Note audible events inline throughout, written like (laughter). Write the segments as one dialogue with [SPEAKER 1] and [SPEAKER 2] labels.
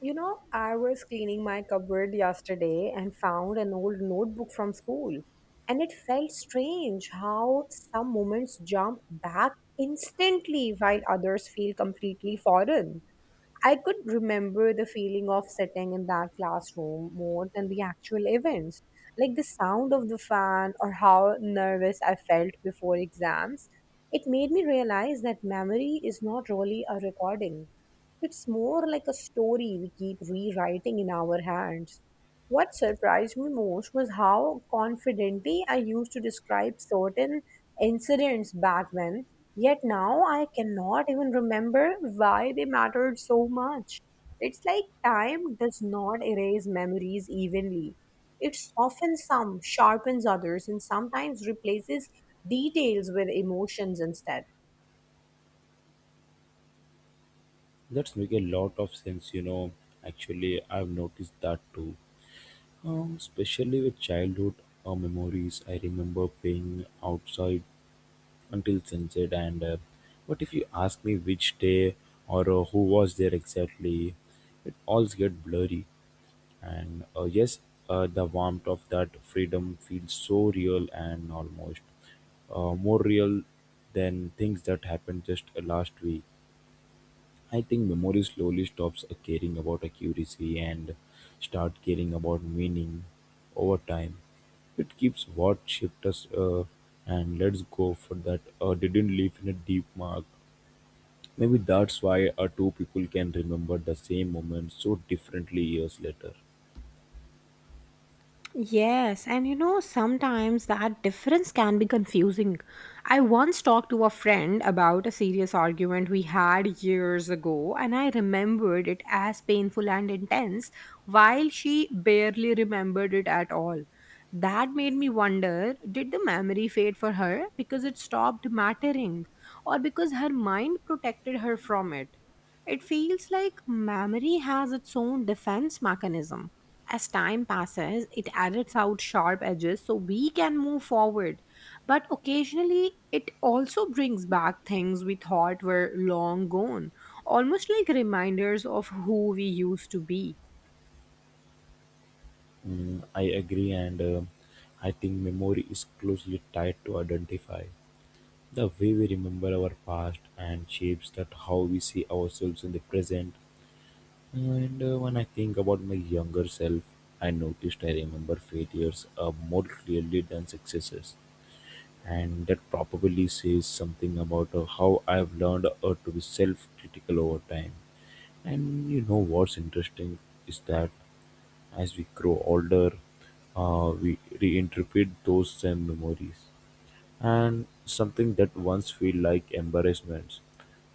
[SPEAKER 1] You know, I was cleaning my cupboard yesterday and found an old notebook from school. And it felt strange how some moments jump back instantly while others feel completely foreign. I could remember the feeling of sitting in that classroom more than the actual events, like the sound of the fan or how nervous I felt before exams. It made me realize that memory is not really a recording. It's more like a story we keep rewriting in our hands. What surprised me most was how confidently I used to describe certain incidents back when, yet now I cannot even remember why they mattered so much. It's like time does not erase memories evenly. It softens some, sharpens others, and sometimes replaces details with emotions instead.
[SPEAKER 2] That's make a lot of sense, you know. Actually, I've noticed that too. Especially with childhood memories, I remember playing outside until sunset. And But if you ask me which day or who was there exactly, it all gets blurry. And yes, the warmth of that freedom feels so real and almost more real than things that happened just last week. I think memory slowly stops caring about accuracy and start caring about meaning over time. It keeps what shaped us and lets go for that didn't leave in a deep mark. Maybe that's why two people can remember the same moment so differently years later.
[SPEAKER 1] Yes, and you know, sometimes that difference can be confusing. I once talked to a friend about a serious argument we had years ago, and I remembered it as painful and intense, while she barely remembered it at all. That made me wonder, did the memory fade for her because it stopped mattering, or because her mind protected her from it? It feels like memory has its own defense mechanism. As time passes, it edits out sharp edges so we can move forward. But occasionally, it also brings back things we thought were long gone, almost like reminders of who we used to be.
[SPEAKER 2] Mm, I agree, and I think memory is closely tied to identify. The way we remember our past and shapes that how we see ourselves in the present. And when I think about my younger self, I noticed I remember failures more clearly than successes. And that probably says something about how I've learned to be self critical over time. And you know what's interesting is that as we grow older, we reinterpret those same memories, and something that once felt like embarrassments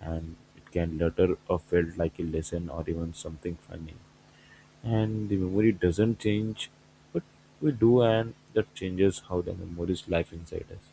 [SPEAKER 2] and it can later felt like a lesson or even something funny, and the memory doesn't change, but we do, and that changes how the memories life inside us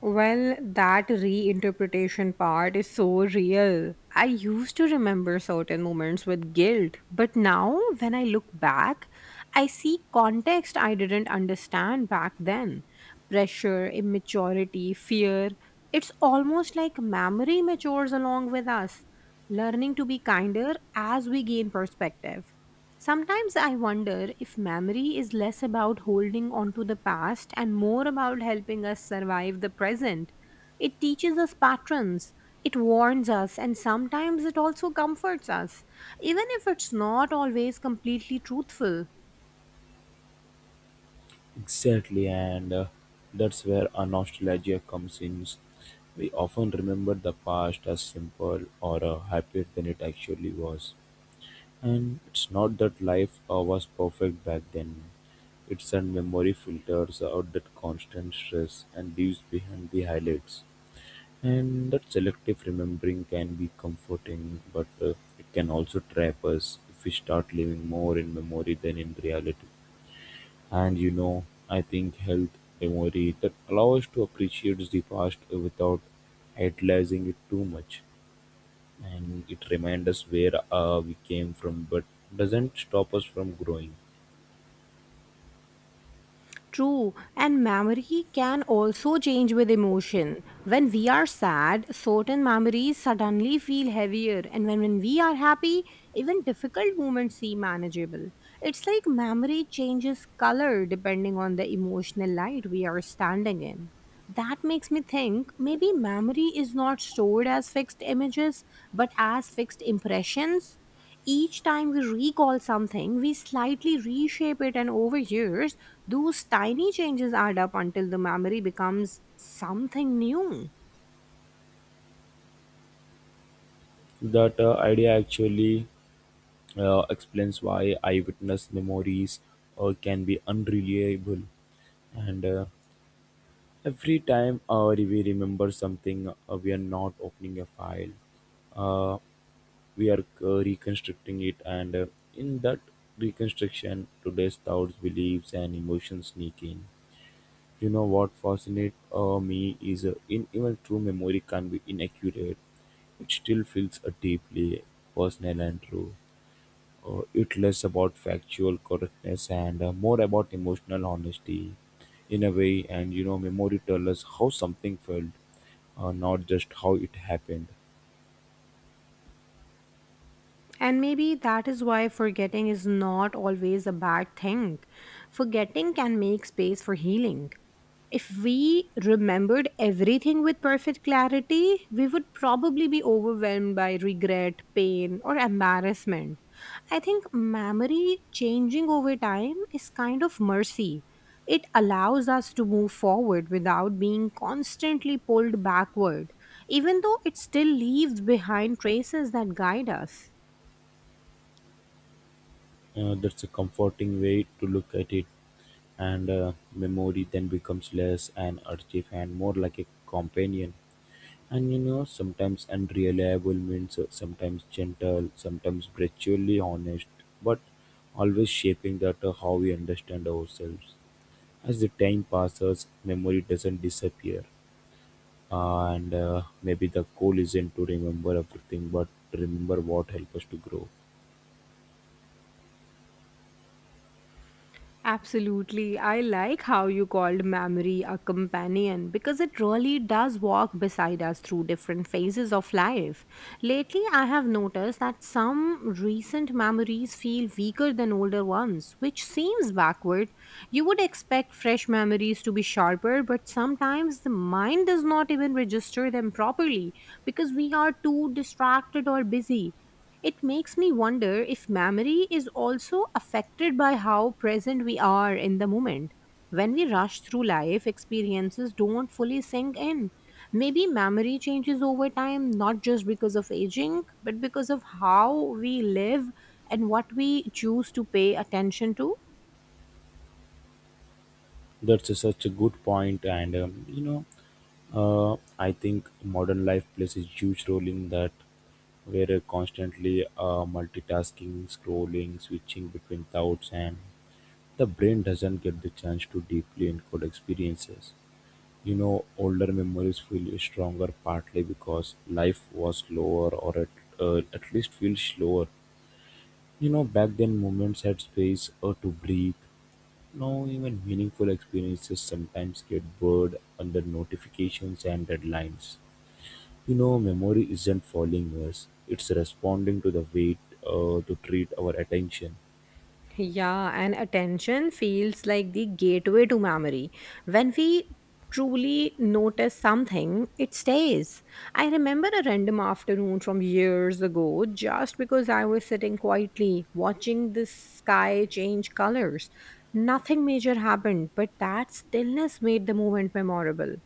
[SPEAKER 1] Well, that reinterpretation part is so real. I used to remember certain moments with guilt, but now when I look back, I see context I didn't understand back then. Pressure, immaturity, fear. It's almost like memory matures along with us, learning to be kinder as we gain perspective. Sometimes I wonder if memory is less about holding on to the past and more about helping us survive the present. It teaches us patterns, it warns us, and sometimes it also comforts us, even if it's not always completely truthful.
[SPEAKER 2] exactly, and that's where our nostalgia comes in. We often remember the past as simple or happier than it actually was, and it's not that life was perfect back then. It's that memory filters out that constant stress and leaves behind the highlights. And that selective remembering can be comforting, but it can also trap us if we start living more in memory than in reality. And you know, I think health memory that allows us to appreciate the past without idolizing it too much. And it reminds us where we came from, but doesn't stop us from growing.
[SPEAKER 1] True, and memory can also change with emotion. When we are sad, certain memories suddenly feel heavier, and when we are happy, even difficult moments seem manageable. It's like memory changes color depending on the emotional light we are standing in. That makes me think maybe memory is not stored as fixed images but as fixed impressions. Each time we recall something, we slightly reshape it, and over years, those tiny changes add up until the memory becomes something new.
[SPEAKER 2] That idea actually explains why eyewitness memories can be unreliable, and every time we remember something, we are not opening a file. Uh, we are reconstructing it, and in that reconstruction, today's thoughts, beliefs, and emotions sneak in. You know what fascinates me is in even true memory can be inaccurate. It still feels deeply personal and true. It less about factual correctness and more about emotional honesty, in a way, and you know memory tells us how something felt, not just how it happened.
[SPEAKER 1] And maybe that is why forgetting is not always a bad thing. Forgetting can make space for healing. If we remembered everything with perfect clarity, we would probably be overwhelmed by regret, pain, or embarrassment. I think memory changing over time is kind of mercy. It allows us to move forward without being constantly pulled backward, even though it still leaves behind traces that guide us.
[SPEAKER 2] That's a comforting way to look at it, and memory then becomes less an artifact and more like a companion. And you know, sometimes unreliable means sometimes gentle, sometimes brutally honest, but always shaping that how we understand ourselves. As the time passes, memory doesn't disappear, and maybe the goal isn't to remember everything, but to remember what helps us to grow.
[SPEAKER 1] Absolutely. I like how you called memory a companion because it really does walk beside us through different phases of life. Lately, I have noticed that some recent memories feel weaker than older ones, which seems backward. You would expect fresh memories to be sharper, but sometimes the mind does not even register them properly because we are too distracted or busy. It makes me wonder if memory is also affected by how present we are in the moment. When we rush through life, experiences don't fully sink in. Maybe memory changes over time, not just because of aging, but because of how we live and what we choose to pay attention to.
[SPEAKER 2] Such a good point, and you know, uh, I think modern life plays a huge role in that. We're constantly multitasking, scrolling, switching between thoughts, and the brain doesn't get the chance to deeply encode experiences. You know, older memories feel stronger partly because life was slower, or at least feels slower. You know, back then moments had space to breathe now, even meaningful experiences sometimes get blurred under notifications and deadlines. You know, memory isn't following us, it's responding to the weight to treat our attention.
[SPEAKER 1] Yeah, and attention feels like the gateway to memory. When we truly notice something, it stays. I remember a random afternoon from years ago just because I was sitting quietly watching the sky change colors. Nothing major happened, but that stillness made the moment memorable.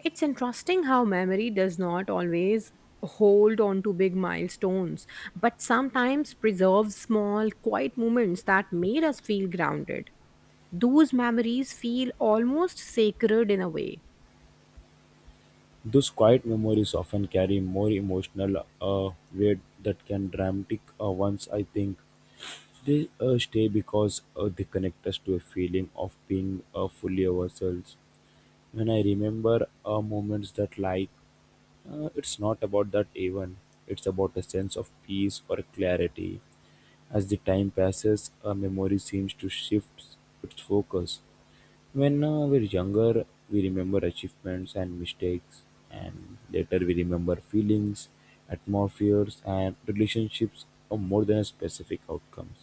[SPEAKER 1] It's interesting how memory does not always hold on to big milestones but sometimes preserve small, quiet moments that made us feel grounded. Those memories feel almost sacred in a way.
[SPEAKER 2] Those quiet memories often carry more emotional weight that can dramatic ones, I think. They stay because they connect us to a feeling of being fully ourselves. When I remember moments that like it's not about that even. It's about a sense of peace or clarity. As the time passes, our memory seems to shift its focus. When we're younger, we remember achievements and mistakes, and later we remember feelings, atmospheres, and relationships more than specific outcomes.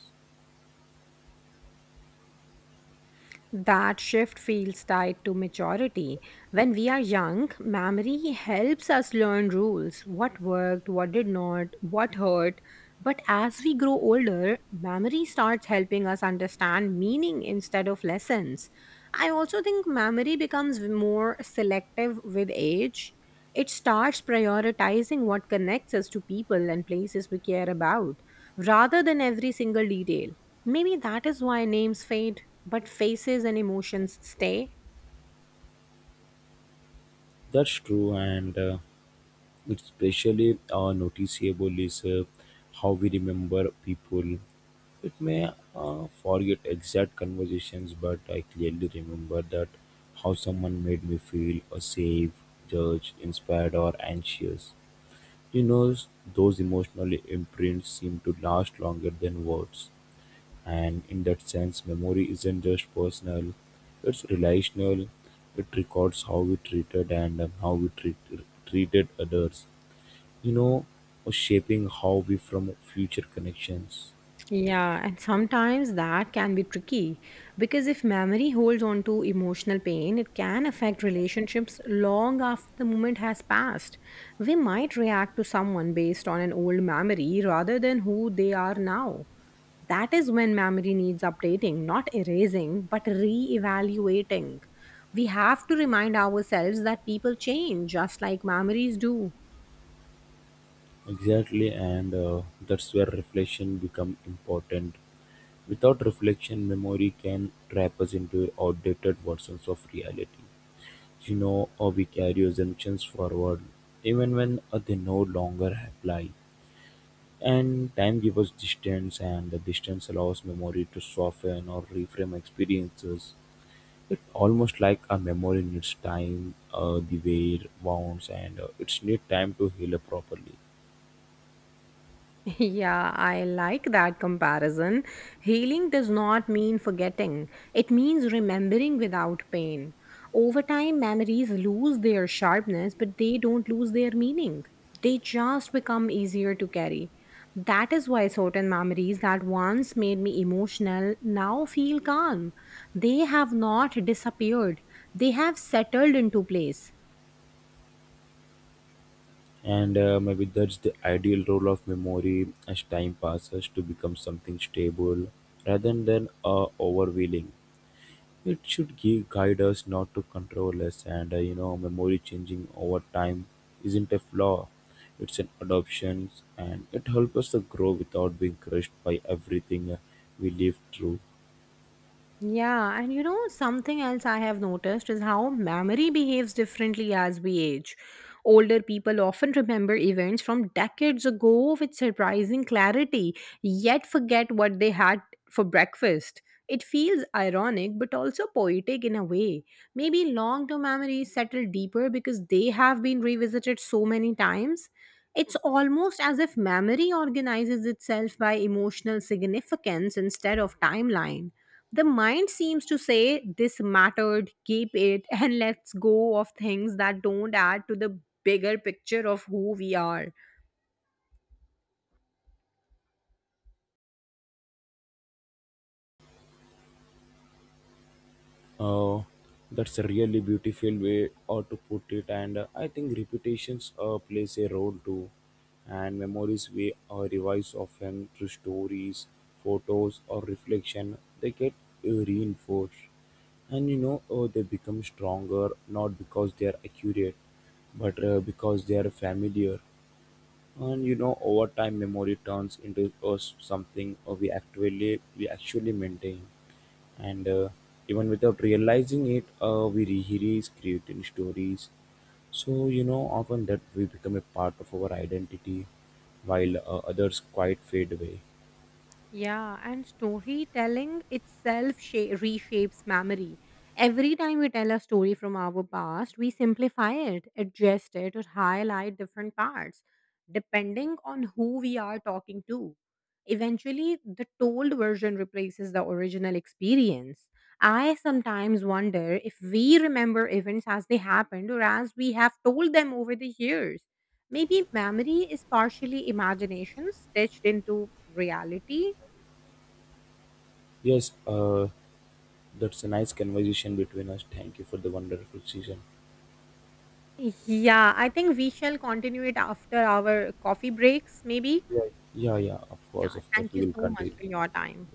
[SPEAKER 1] That shift feels tied to maturity. When we are young, memory helps us learn rules, what worked, what did not, what hurt. But as we grow older, memory starts helping us understand meaning instead of lessons. I also think memory becomes more selective with age. It starts prioritizing what connects us to people and places we care about rather than every single detail. Maybe that is why names fade, but faces and emotions stay.
[SPEAKER 2] That's true, and especially noticeable is how we remember people. It may forget exact conversations, but I clearly remember that how someone made me feel or safe, judged, inspired, or anxious. You know, those emotional imprints seem to last longer than words. And in that sense, memory isn't just personal, it's relational. It records how we treated and treated others, you know, or shaping how we form future connections.
[SPEAKER 1] Yeah, and sometimes that can be tricky because if memory holds on to emotional pain, it can affect relationships long after the moment has passed. We might react to someone based on an old memory rather than who they are now. That is when memory needs updating, not erasing, but re evaluating. We have to remind ourselves that people change just like memories do.
[SPEAKER 2] Exactly, and that's where reflection become important. Without reflection, memory can trap us into outdated versions of reality. You know, or we carry assumptions forward, even when they no longer apply. And time gives us distance, and the distance allows memory to soften or reframe experiences. It's almost like a memory needs time, the way it bounds, and it's need time to heal up properly.
[SPEAKER 1] (laughs) Yeah, I like that comparison. Healing does not mean forgetting, it means remembering without pain. Over time, memories lose their sharpness, but they don't lose their meaning. They just become easier to carry. That is why certain memories that once made me emotional now feel calm. They have not disappeared, they have settled into place.
[SPEAKER 2] And maybe that's the ideal role of memory as time passes to become something stable rather than overwhelming. It should give guide us not to control us, and you know, memory changing over time isn't a flaw. It's an adoption, and it helps us to grow without being crushed by everything we live through.
[SPEAKER 1] Yeah, and you know, something else I have noticed is how memory behaves differently as we age. Older people often remember events from decades ago with surprising clarity, yet forget what they had for breakfast. It feels ironic but also poetic in a way. Maybe long term memories settle deeper because they have been revisited so many times. It's almost as if memory organizes itself by emotional significance instead of timeline. The mind seems to say, "This mattered, keep it," (laughs) and let's go of things that don't add to the bigger picture of who we are.
[SPEAKER 2] Oh, that's a really beautiful way or to put it, and I think reputations plays a role too, and memories we revise often through stories, photos, or reflection. They get reinforced, and you know they become stronger not because they are accurate, but because they are familiar. And you know, over time, memory turns into us something we actually maintain and even without realizing it we rehearse creating stories, so you know often that we become a part of our identity, while others quite fade away.
[SPEAKER 1] Yeah, and storytelling itself reshapes memory. Every time we tell a story from our past, we simplify it, adjust it, or highlight different parts, depending on who we are talking to. Eventually, the told version replaces the original experience. I sometimes wonder if we remember events as they happened or as we have told them over the years. Maybe memory is partially imagination stitched into reality.
[SPEAKER 2] Yes, that's a nice conversation between us. Thank you for the wonderful season.
[SPEAKER 1] Yeah, I think we shall continue it after our coffee breaks, maybe.
[SPEAKER 2] Yeah. Yeah, of course,
[SPEAKER 1] Yeah,
[SPEAKER 2] of course,
[SPEAKER 1] thank you
[SPEAKER 2] we will
[SPEAKER 1] so much
[SPEAKER 2] continue.
[SPEAKER 1] for your time.